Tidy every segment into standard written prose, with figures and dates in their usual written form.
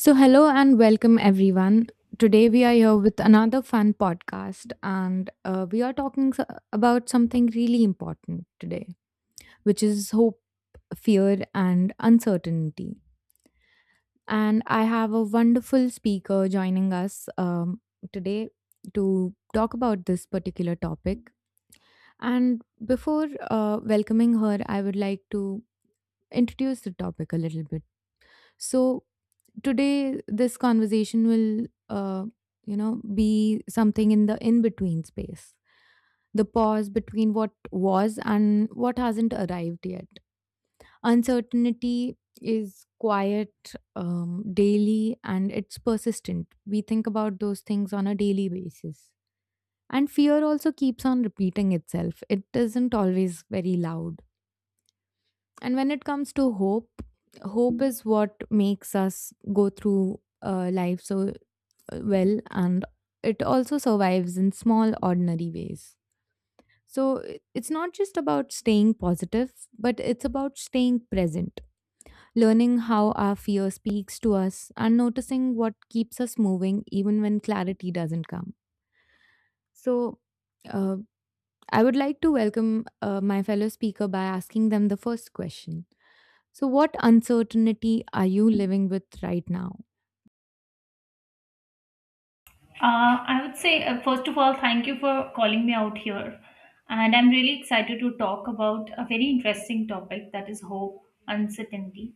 So, hello and welcome everyone. Today we are here with another fun podcast, and we are about something really important today, which is hope, fear, and uncertainty. And I have a wonderful speaker joining us today to talk about this particular topic. And before welcoming her, I would like to introduce the topic a little bit. So, today this conversation will be something in the in between space, the pause between what was and what hasn't arrived yet. Uncertainty is quiet, daily, and it's persistent. We think about those things on a daily basis, and fear also keeps on repeating itself. It isn't always very loud. And when it comes to hope, hope is what makes us go through life so well, and it also survives in small ordinary ways. It's not just about staying positive, but it's about staying present, learning how our fear speaks to us and noticing what keeps us moving even when clarity doesn't come. So uh, I would like to welcome my fellow speaker by asking them the first question. So, what uncertainty are you living with right now? I would say, first of all, thank you for calling me out here. And I'm really excited to talk about a very interesting topic that is hope, uncertainty.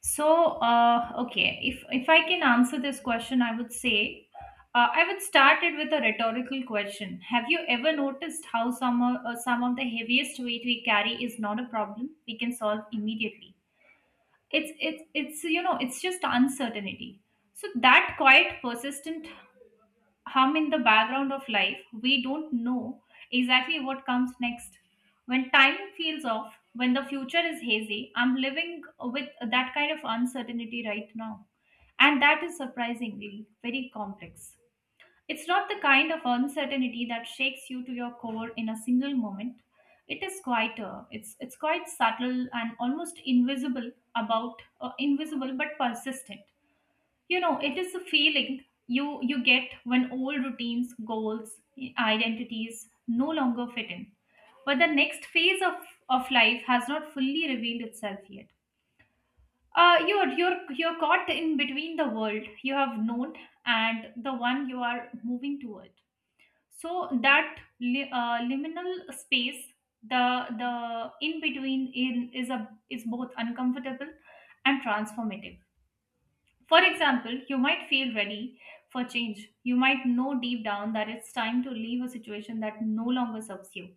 So, okay, if I can answer this question, I would say, I would start it with a rhetorical question. Have you ever noticed how some of the heaviest weight we carry is not a problem we can solve immediately? It's just uncertainty. So that quiet, persistent hum in the background of life, we don't know exactly what comes next. When time feels off, when the future is hazy, I'm living with that kind of uncertainty right now. And that is surprisingly very complex. It's not the kind of uncertainty that shakes you to your core in a single moment. It is quieter. It's quite subtle and almost invisible about invisible but persistent. You know, it is a feeling you get when old routines, goals, identities no longer fit in, but the next phase of life has not fully revealed itself yet. You're caught in between the world you have known and the one you are moving toward. So that liminal space, the the in between, in is a is both uncomfortable and transformative. For example, you might feel ready for change. You might know deep down that it's time to leave a situation that no longer serves you.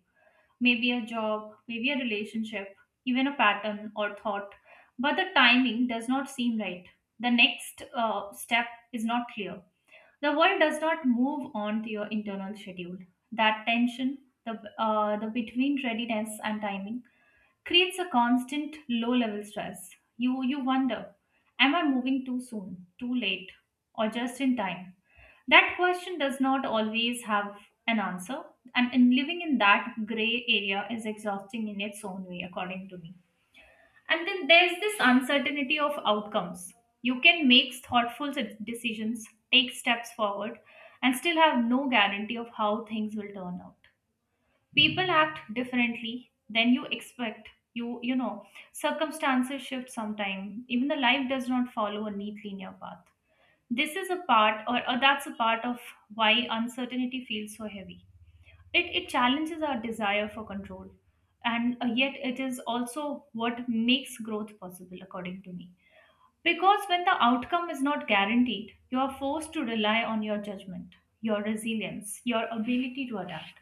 Maybe a job, maybe a relationship, even a pattern or thought. But the timing does not seem right. The next step is not clear. The world does not move on to your internal schedule. That tension, the between readiness and timing, creates a constant low level stress. You wonder, am I moving too soon, too late, or just in time? That question does not always have an answer, and in living in that gray area is exhausting in its own way, according to me. And then there's this uncertainty of outcomes. You can make thoughtful decisions, take steps forward, and still have no guarantee of how things will turn out. People act differently than you expect. You know, circumstances shift sometime, even the life does not follow a neat linear path. This is a part or that's a part of why uncertainty feels so heavy. It challenges our desire for control, and yet it is also what makes growth possible, according to me, because when the outcome is not guaranteed, you are forced to rely on your judgment, your resilience, your ability to adapt.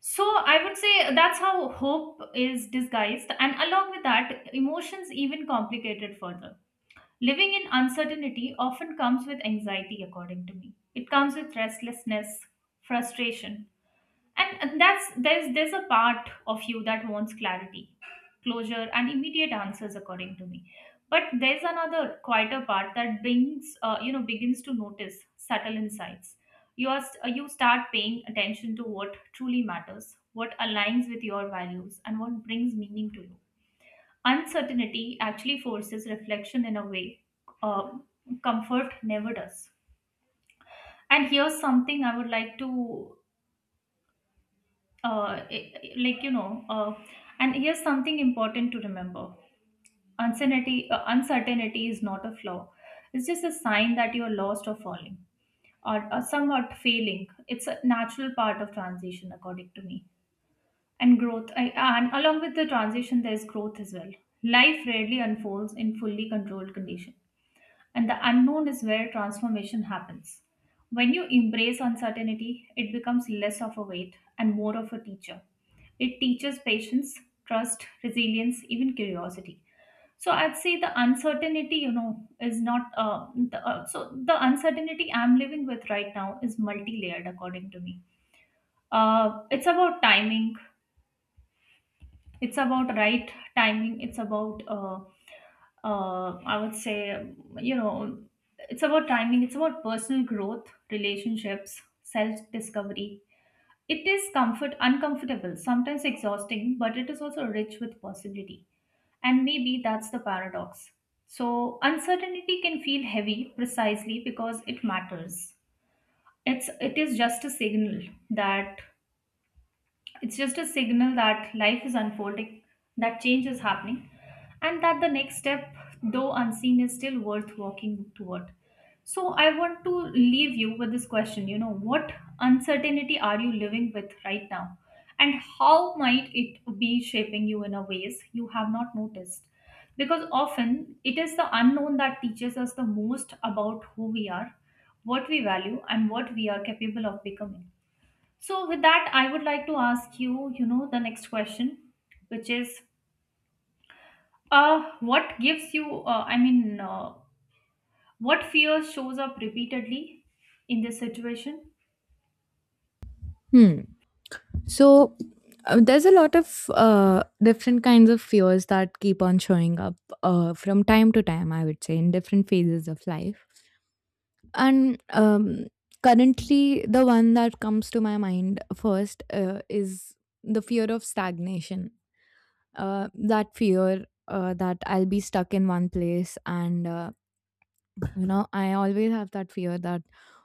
So I would say that's how hope is disguised, and along with that, emotions even complicated further. Living in uncertainty often comes with anxiety, according to me. It comes with restlessness, frustration, and that's there's a part of you that wants clarity, closure, and immediate answers, according to me, but there's another quieter part that brings you know begins to notice subtle insights. You are you start paying attention to what truly matters, what aligns with your values, and what brings meaning to you. Uncertainty actually forces reflection in a way uh, comfort never does. And here's something I would like to uh, like you know uh, and here's something important to remember. Uncertainty is not a flaw. It's just a sign that you're lost or falling, or somewhat failing. It's a natural part of transition, according to me, and growth. And along with the transition there's growth as well. Life rarely unfolds in fully controlled conditions, and the unknown is where transformation happens. When you embrace uncertainty, it becomes less of a weight and more of a teacher. It teaches patience, trust, resilience, even curiosity. So I'd say the uncertainty, you know, is not. So the uncertainty I'm living with right now is multi-layered, according to me. It's about timing, it's about right timing, it's about I would say you know it's about timing, it's about personal growth, relationships, self discovery. It is comfort, uncomfortable, sometimes exhausting, but it is also rich with possibility. And maybe that's the paradox. So uncertainty can feel heavy precisely because it matters. It is just a signal that it's just a signal that life is unfolding, that change is happening, and that the next step, though unseen, is still worth walking toward. So, I want to leave you with this question, you know, what uncertainty are you living with right now? And how might it be shaping you in a ways you have not noticed? Because often it is the unknown that teaches us the most about who we are, what we value, and what we are capable of becoming. So, with that, I would like to ask you, you know, the next question, which is, what gives you, I mean, what fear shows up repeatedly in this situation? Hmm. So, there's a lot of different kinds of fears that keep on showing up, from time to time, I would say, in different phases of life. And currently, the one that comes to my mind first is the fear of stagnation. That fear that I'll be stuck in one place, and I always have that fear that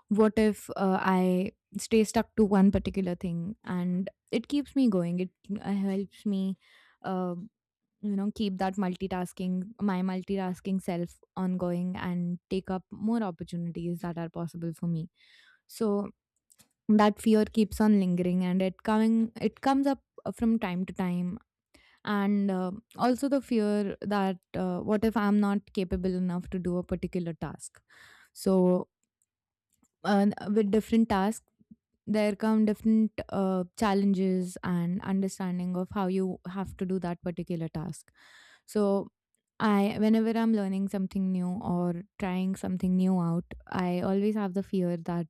what if I stay stuck to one particular thing, and it keeps me going, it helps me uh, keep that multitasking my multitasking self ongoing and take up more opportunities that are possible for me. So that fear keeps on lingering, and it comes up from time to time. And also the fear that what if I'm not capable enough to do a particular task? So with different tasks there come different challenges and understanding of how you have to do that particular task. So I whenever I'm learning something new or trying something new out, I always have the fear that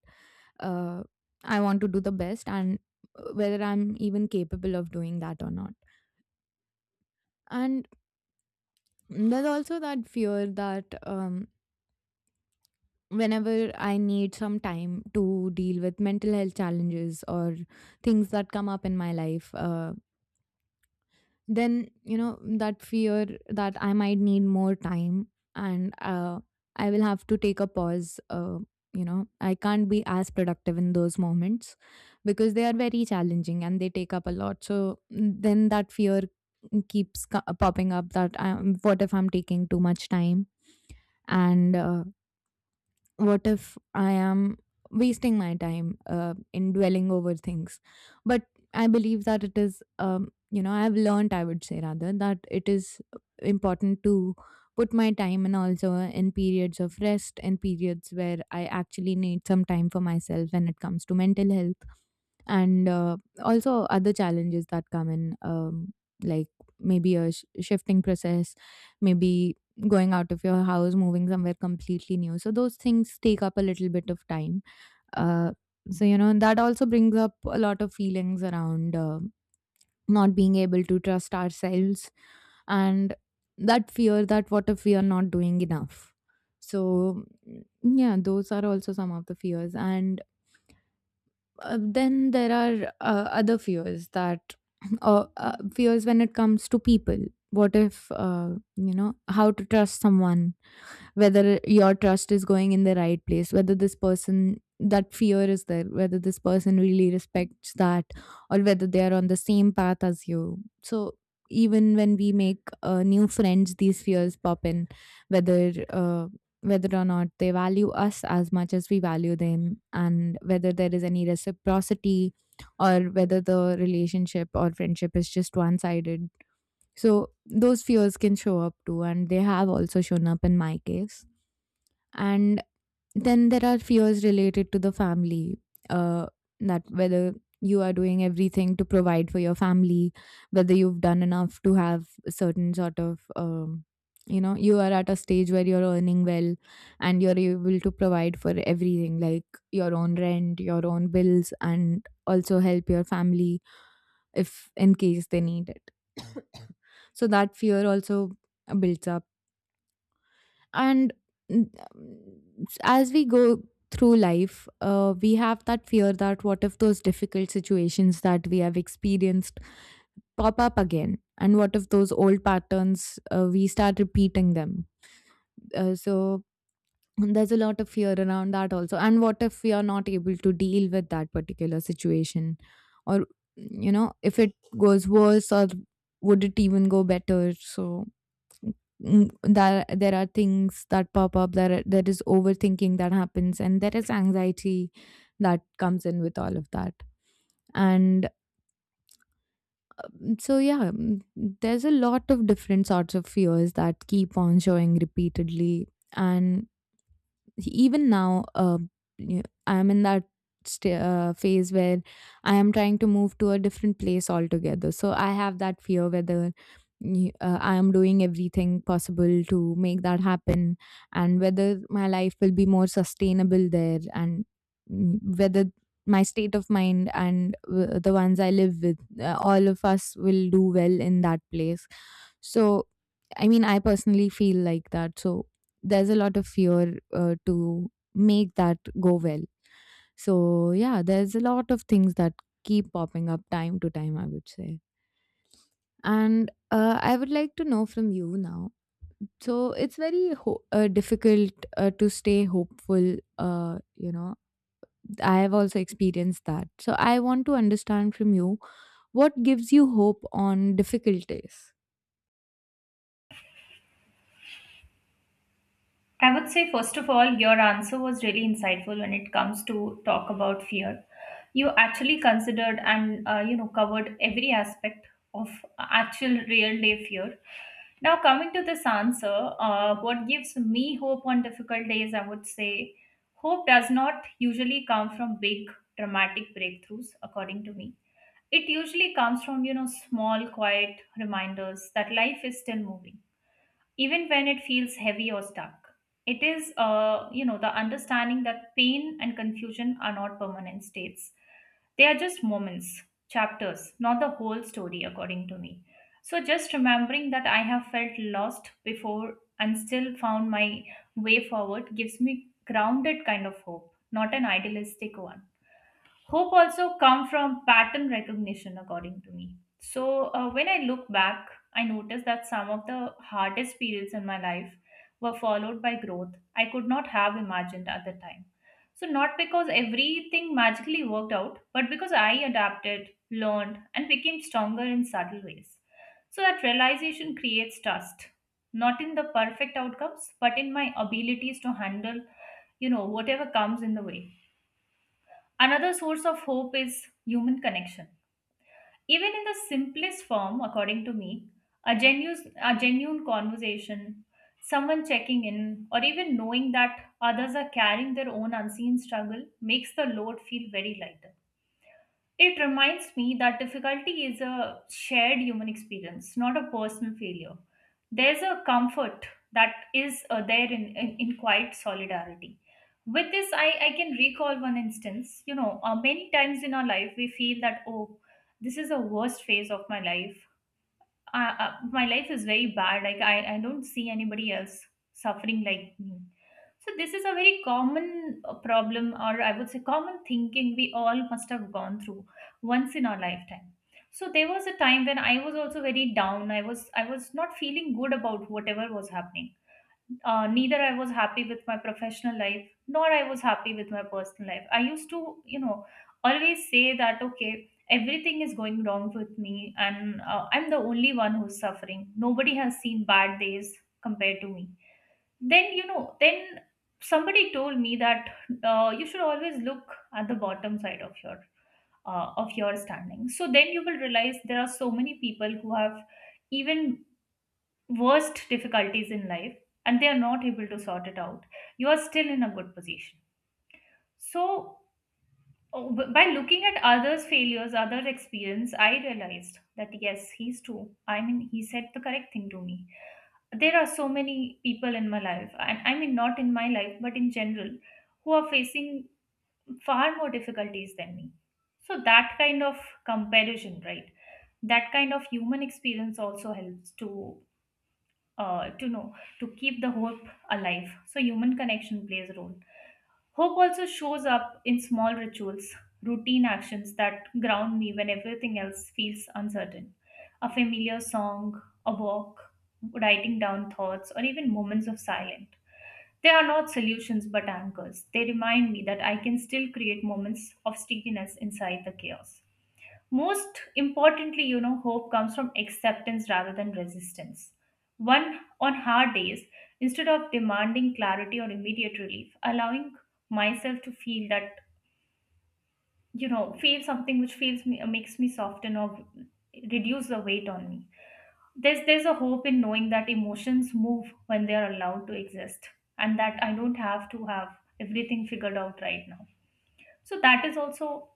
uh, I want to do the best, and whether I'm even capable of doing that or not. And there's also that fear that whenever I need some time to deal with mental health challenges or things that come up in my life, then, you know, that fear that I might need more time, and I will have to take a pause. You know, I can't be as productive in those moments because they are very challenging, and they take up a lot. So then that fear keeps popping up that what if I'm taking too much time? And what if I am wasting my time in dwelling over things? But I believe that it is, you know, I've learned, I would say rather, that it is important to put my time in also in periods of rest, in periods where I actually need some time for myself when it comes to mental health and also other challenges that come in, like maybe a shifting process, maybe going out of your house, moving somewhere completely new. So those things take up a little bit of time. uh, so, you know, that also brings up a lot of feelings around not being able to trust ourselves, and that fear that what if we are not doing enough. So, yeah, those are also some of the fears. And then there are other fears that fears when it comes to people. What if you know, how to trust someone, whether your trust is going in the right place, whether this person, that fear is there, whether this person really respects that, or whether they are on the same path as you. So even when we make new friends, these fears pop in, whether whether or not they value us as much as we value them, and whether there is any reciprocity, or whether the relationship or friendship is just one sided. So those fears can show up too, and they have also shown up in my case. And then there are fears related to the family, uh, that whether you are doing everything to provide for your family, whether you've done enough to have a certain sort of, you know, you are at a stage where you're earning well and you're able to provide for everything like your own rent, your own bills, and also help your family if in case they need it. So that fear also builds up. and mm, as we go through life, we have that fear that what if those difficult situations that we have experienced pop up again, and what if those old patterns, we start repeating them. So there's a lot of fear around that also, and what if we are not able to deal with that particular situation, or, you know, if it goes worse, or would it even go better? So there, there are things that pop up there are- there is overthinking that happens, and there is anxiety that comes in with all of that. And so, yeah, there's a lot of different sorts of fears that keep on showing repeatedly. And even now, I'm in that phase where I am trying to move to a different place altogether. So I have that fear whether I am doing everything possible to make that happen, and whether my life will be more sustainable there, and whether my state of mind and the ones I live with, all of us will do well in that place. So, I mean, I personally feel like that. So there's a lot of fear to make that go well. So, yeah, there's a lot of things that keep popping up time to time, I would say. And I would like to know from you now. So, it's very difficult to stay hopeful. You know, I have also experienced that. So, I want to understand from you, what gives you hope on difficult days? I would say, first of all, your answer was really insightful when it comes to talk about fear. You actually considered and you know, covered every aspect of actual real day fear. Now, coming to this answer, what gives me hope on difficult days? I would say, hope does not usually come from big dramatic breakthroughs, according to me. It usually comes from, you know, small, quiet reminders that life is still moving even when it feels heavy or stuck. It is, you know, the understanding that pain and confusion are not permanent states. They are just moments, chapters, not the whole story, according to me. So just remembering that I have felt lost before and still found my way forward gives me grounded kind of hope, not an idealistic one. Hope also come from pattern recognition, according to me. So when I look back, I notice that some of the hardest periods in my life were followed by growth I could not have imagined at the time. So not because everything magically worked out, but because I adapted, learned, and became stronger in subtle ways. So that realization creates trust, not in the perfect outcomes, but in my abilities to handle, you know, whatever comes in the way. Another source of hope is human connection. Even in the simplest form, according to me, a genuine conversation, someone checking in, or even knowing that others are carrying their own unseen struggle makes the load feel very lighter. It reminds me that difficulty is a shared human experience, not a personal failure. There's, a comfort that is there in, in quiet solidarity. With this, I can recall one instance. You know, many times in our life, we feel that, oh, this is the worst phase of my life. My life is very bad, like I don't see anybody else suffering like me. So this is a very common problem, or I would say common thinking we all must have gone through once in our lifetime. So there was a time when I was also very down. I was not feeling good about whatever was happening. Neither I was happy with my professional life nor I was happy with my personal life. I used to, you know, always say that, okay, everything is going wrong with me and I'm the only one who's suffering. Nobody has seen bad days compared to me. Then, you know, then somebody told me that you should always look at the bottom side of your standing, so then you will realize there are so many people who have even worst difficulties in life and they are not able to sort it out, you are still in a good position. So, oh, by looking at others' failures, other experience, I realized that yes, he's true. I mean, he said the correct thing to me. There are so many people in my life, and I mean, not in my life, but in general, who are facing far more difficulties than me. So, that kind of comparison, right? That kind of human experience also helps to know, to keep the hope alive. So human connection plays a role. Hope also shows up in small rituals, routine actions that ground me when everything else feels uncertain: a familiar song, a walk, writing down thoughts, or even moments of silence. They are not solutions but anchors. They remind me that I can still create moments of steadiness inside the chaos. Most importantly, you know, hope comes from acceptance rather than resistance. One, on hard days, instead of demanding clarity or immediate relief, allowing myself to feel that, you know, feel something which feels me, makes me soften or reduce the weight on me. There's a hope in knowing that emotions move when they are allowed to exist, and that I don't have to have everything figured out right now. So that is also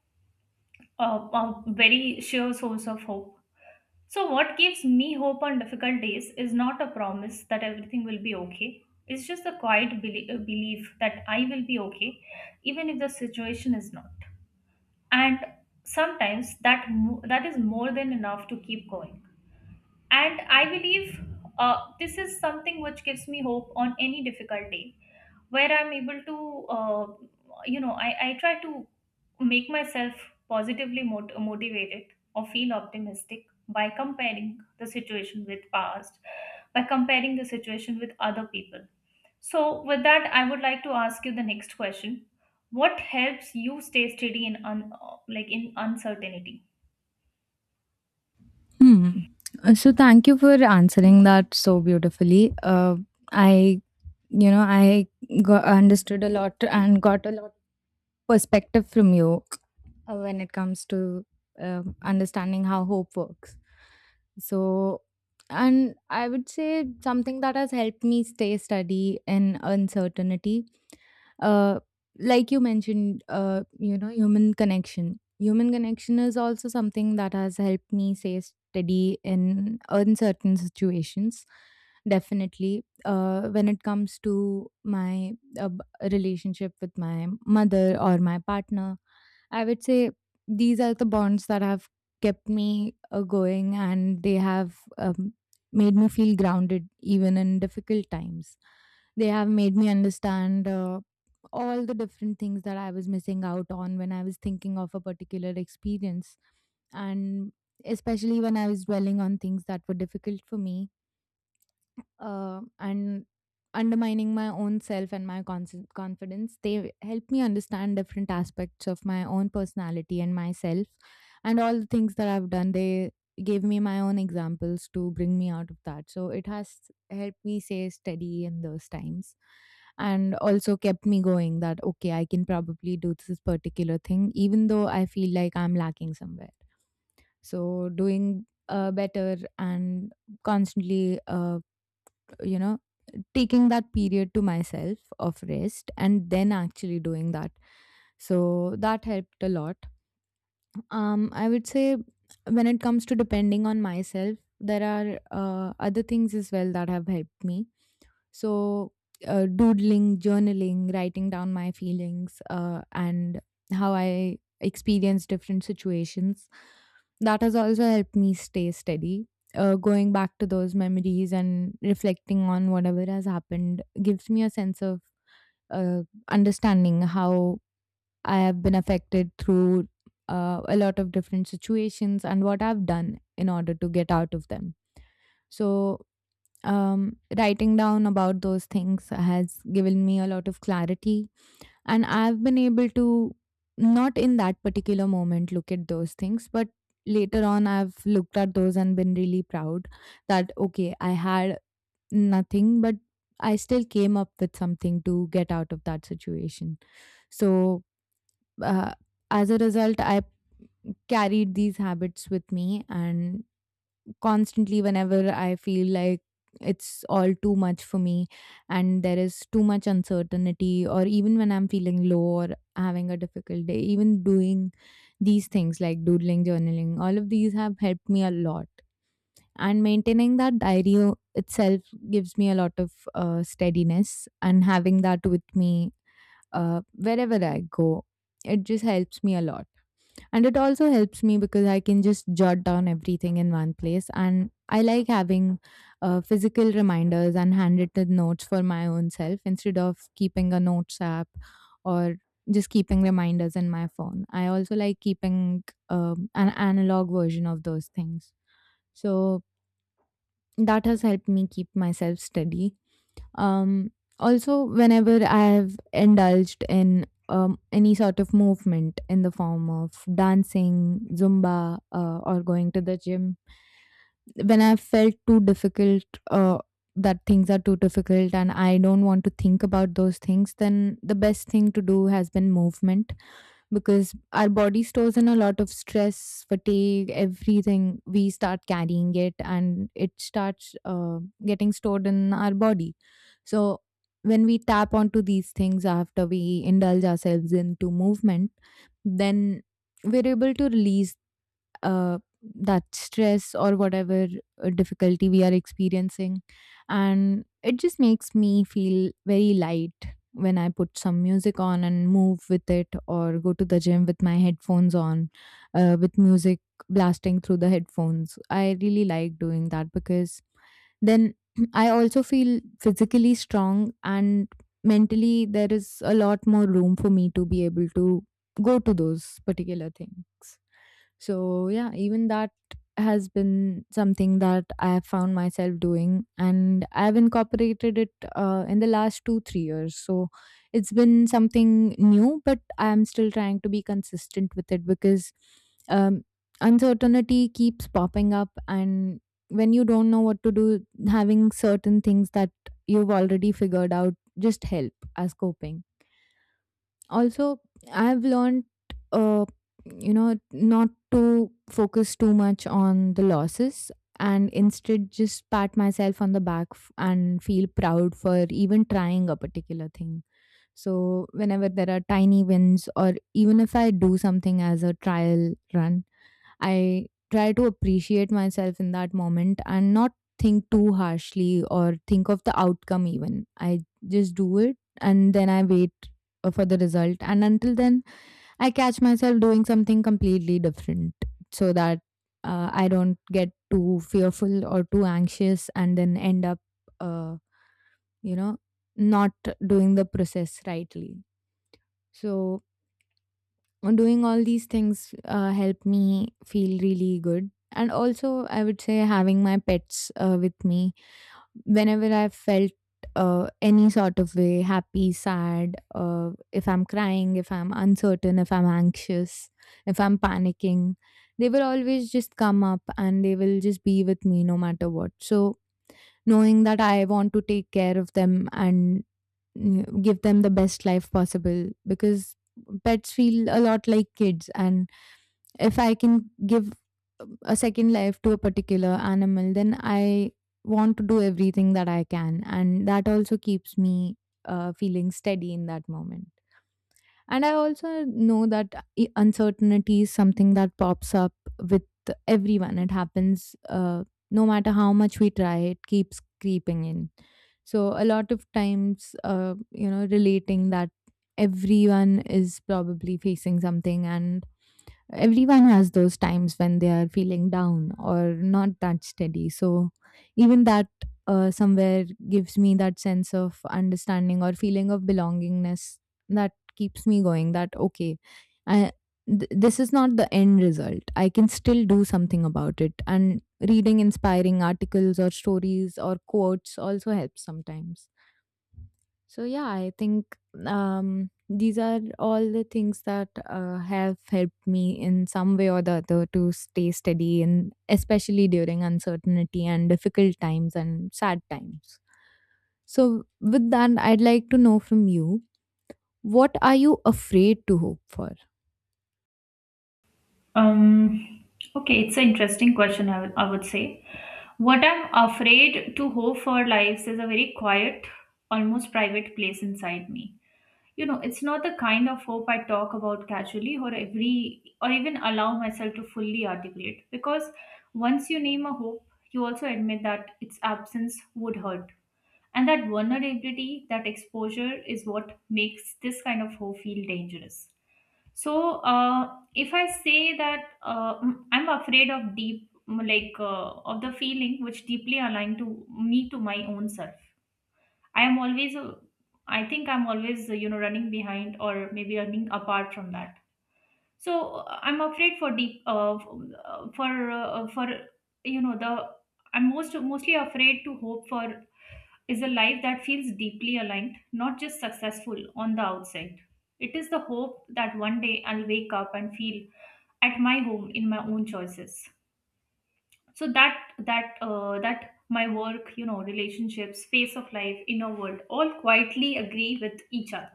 a very sheer source of hope. So, what gives me hope on difficult days is not a promise that everything will be okay. It's just a quiet belief that I will be okay, even if the situation is not. And sometimes that is more than enough to keep going. And I believe this is something which gives me hope on any difficult day, where I'm able to, I try to make myself positively motivated or feel optimistic by comparing the situation with past, by comparing the situation with other people. So, with that, I would like to ask you the next question. What helps you stay steady in uncertainty? Hmm. So thank you for answering that so beautifully. I, you know, I got, understood a lot and got a lot perspective from you when it comes to understanding how hope works. So, and I would say something that has helped me stay steady in uncertainty. Uh, like you mentioned, human connection. Human connection is also something that has helped me stay steady in uncertain situations. Definitely, when it comes to my uh, b- relationship with my mother or my partner, I would say these are the bonds that have kept me going, and they have made me feel grounded even in difficult times. They have made me understand all the different things that I was missing out on when I was thinking of a particular experience. And especially when I was dwelling on things that were difficult for me, and undermining my own self and my confidence. They help me understand different aspects of my own personality and myself, and all the things that I've done. They gave me my own examples to bring me out of that. So it has helped me stay steady in those times, and also kept me going that okay, I can probably do this particular thing even though I feel like I'm lacking somewhere. So doing better and constantly you know taking that period to myself of rest and then actually doing that, so that helped a lot. I would say when it comes to depending on myself, there are other things as well that have helped me. So, doodling, journaling, writing down my feelings, and how I experience different situations, that has also helped me stay steady. Going back to those memories and reflecting on whatever has happened gives me a sense of uh, understanding how I have been affected through a lot of different situations and what I've done in order to get out of them. So writing down about those things has given me a lot of clarity. And I've been able to, not in that particular moment, look at those things, but later on, I've looked at those and been really proud that, okay, I had nothing, but I still came up with something to get out of that situation. So, uh, as a result, I carried these habits with me and constantly whenever I feel like it's all too much for me and there is too much uncertainty, or even when I'm feeling low or having a difficult day, even doing these things like doodling, journaling, all of these have helped me a lot. And maintaining that diary itself gives me a lot of steadiness, and having that with me wherever I go, it just helps me a lot. And it also helps me because I can just jot down everything in one place. And I like having physical reminders and handwritten notes for my own self instead of keeping a notes app or just keeping reminders in my phone. I also like keeping an analog version of those things. So that has helped me keep myself steady. um, Also, whenever I have indulged in any sort of movement in the form of dancing, Zumba, or going to the gym, when I felt too difficult, uh, that things are too difficult and I don't want to think about those things, then the best thing to do has been movement because our body stores in a lot of stress, fatigue, everything. We start carrying it and it starts getting stored in our body. So, when we tap onto these things after we indulge ourselves into movement, then we're able to release uh, that stress or whatever difficulty we are experiencing. And it just makes me feel very light when I put some music on and move with it, or go to the gym with my headphones on, with music blasting through the headphones. I really like doing that because then I also feel physically strong and mentally there is a lot more room for me to be able to go to those particular things. So yeah, even that has been something that I have found myself doing, and I have incorporated it in the last 2-3 years. So it's been something new, but I am still trying to be consistent with it because um, uncertainty keeps popping up, and when you don't know what to do, having certain things that you've already figured out just help as coping. Also, I've learned, uh, not to focus too much on the losses and instead just pat myself on the back and feel proud for even trying a particular thing. So, whenever there are tiny wins, or even if I do something as a trial run, I try to appreciate myself in that moment and not think too harshly or think of the outcome even. I just do it and then I wait for the result. And until then, I catch myself doing something completely different so that I don't get too fearful or too anxious and then end up, uh, you know, not doing the process rightly. So, doing all these things help me feel really good. And also, I would say, having my pets with me whenever I felt any sort of way, happy, sad, if I'm crying, if I'm uncertain, if I'm anxious, if I'm panicking, they will always just come up and they will just be with me no matter what. So knowing that I want to take care of them and give them the best life possible, because pets feel a lot like kids. And if I can give a second life to a particular animal, then I want to do everything that I can. And that also keeps me feeling steady in that moment. And I also know that uncertainty is something that pops up with everyone. It happens, no matter how much we try, it keeps creeping in. So a lot of times, relating that everyone is probably facing something, and everyone has those times when they are feeling down or not that steady. So even that somewhere gives me that sense of understanding or feeling of belongingness that keeps me going, that okay, I, this is not the end result. I can still do something about it. And reading inspiring articles or stories or quotes also helps sometimes. So yeah, I think these are all the things that have helped me in some way or the other to stay steady, and especially during uncertainty and difficult times and sad times. So with that, I'd like to know from you, what are you afraid to hope for? Um, okay, it's an interesting question. I would say. What I'm afraid to hope for lives is a very quiet, almost private place inside me. You know, it's not the kind of hope I talk about casually or every or even allow myself to fully articulate, because once you name a hope, you also admit that its absence would hurt. And that vulnerability, that exposure is what makes this kind of hope feel dangerous. So, if I say that I'm afraid of deep, of the feeling which deeply aligned to me, to my own self, I am always, I think I'm always, running behind or maybe running apart from that. So I'm afraid for deep, f- for you know the. I'm mostly afraid to hope for is a life that feels deeply aligned, not just successful on the outside. It is the hope that one day I'll wake up and feel at my home in my own choices. So that my work, you know, relationships, space of life, inner world, all quietly agree with each other.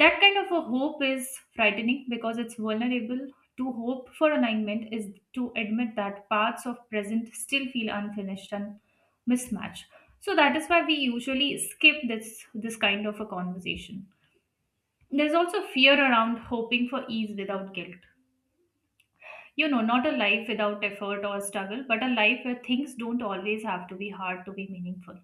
That kind of a hope is frightening because it's vulnerable. To hope for alignment is to admit that parts of present still feel unfinished and mismatched. So that is why we usually skip this kind of a conversation. There's also fear around hoping for ease without guilt. You know, not a life without effort or struggle, but a life where things don't always have to be hard to be meaningful.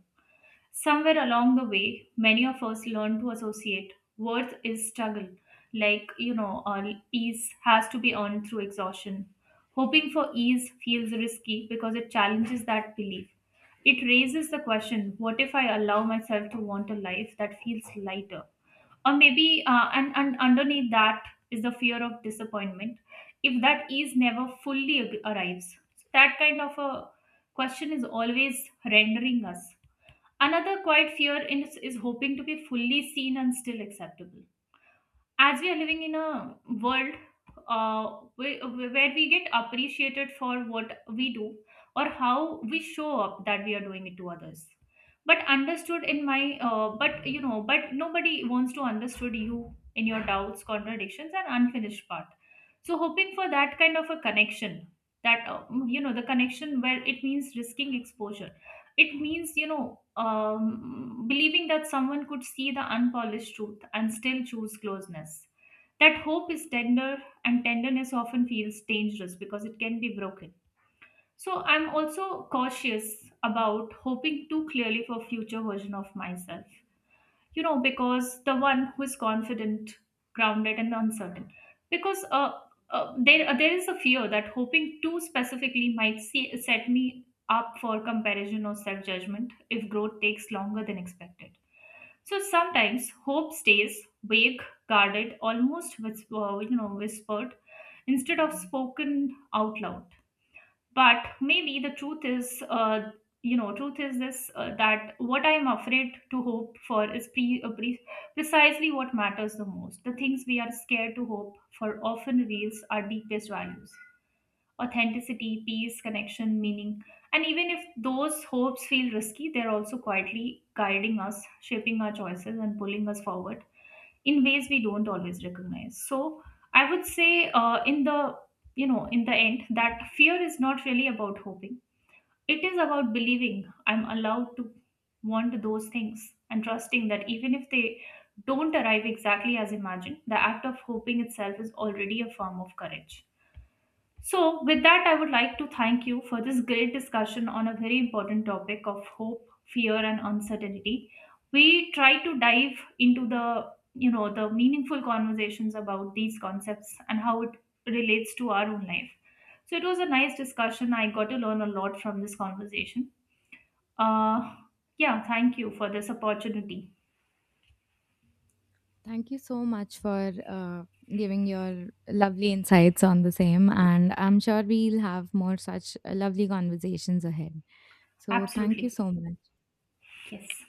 Somewhere along the way, many of us learn to associate worth is struggle, ease has to be earned through exhaustion. Hoping for ease feels risky because it challenges that belief. It raises the question: what if I allow myself to want a life that feels lighter? Or maybe, and underneath that is the fear of disappointment, if that ease never fully arrives. That kind of a question is always rendering us. Another quiet is hoping to be fully seen and still acceptable. As we are living in a world, uh, where we get appreciated for what we do or how we show up, that we are doing it to others. But understood in my, but nobody wants to understood you in your doubts, contradictions, and unfinished part. So hoping for that kind of a connection, the connection where it means risking exposure, it means believing that someone could see the unpolished truth and still choose closeness. That hope is tender, and tenderness often feels dangerous because it can be broken. So I'm also cautious about hoping too clearly for future version of myself, you know, because the one who is confident, grounded, and uncertain, because there is a fear that hoping too specifically might see, set me up for comparison or self judgment if growth takes longer than expected. So sometimes hope stays vague, guarded, almost whispered instead of spoken out loud. But maybe the truth is truth is this that what I am afraid to hope for is precisely what matters the most. The things we are scared to hope for often reveals our deepest values: authenticity, peace, connection, meaning. And even if those hopes feel risky, they're also quietly guiding us, shaping our choices and pulling us forward in ways we don't always recognize. So I would say, uh, in the in the end, that fear is not really about hoping, it is about believing I'm allowed to want those things, and trusting that even if they don't arrive exactly as imagined, the act of hoping itself is already a form of courage. So, with that, I would like to thank you for this great discussion on a very important topic of hope, fear, and uncertainty. We try to dive into the the meaningful conversations about these concepts and how it relates to our own life. So it was a nice discussion. I got to learn a lot from this conversation. Uh, yeah, thank you for this opportunity. Thank you so much for giving your lovely insights on the same, and I'm sure we'll have more such lovely conversations ahead. So thank you Absolutely, so much. yes.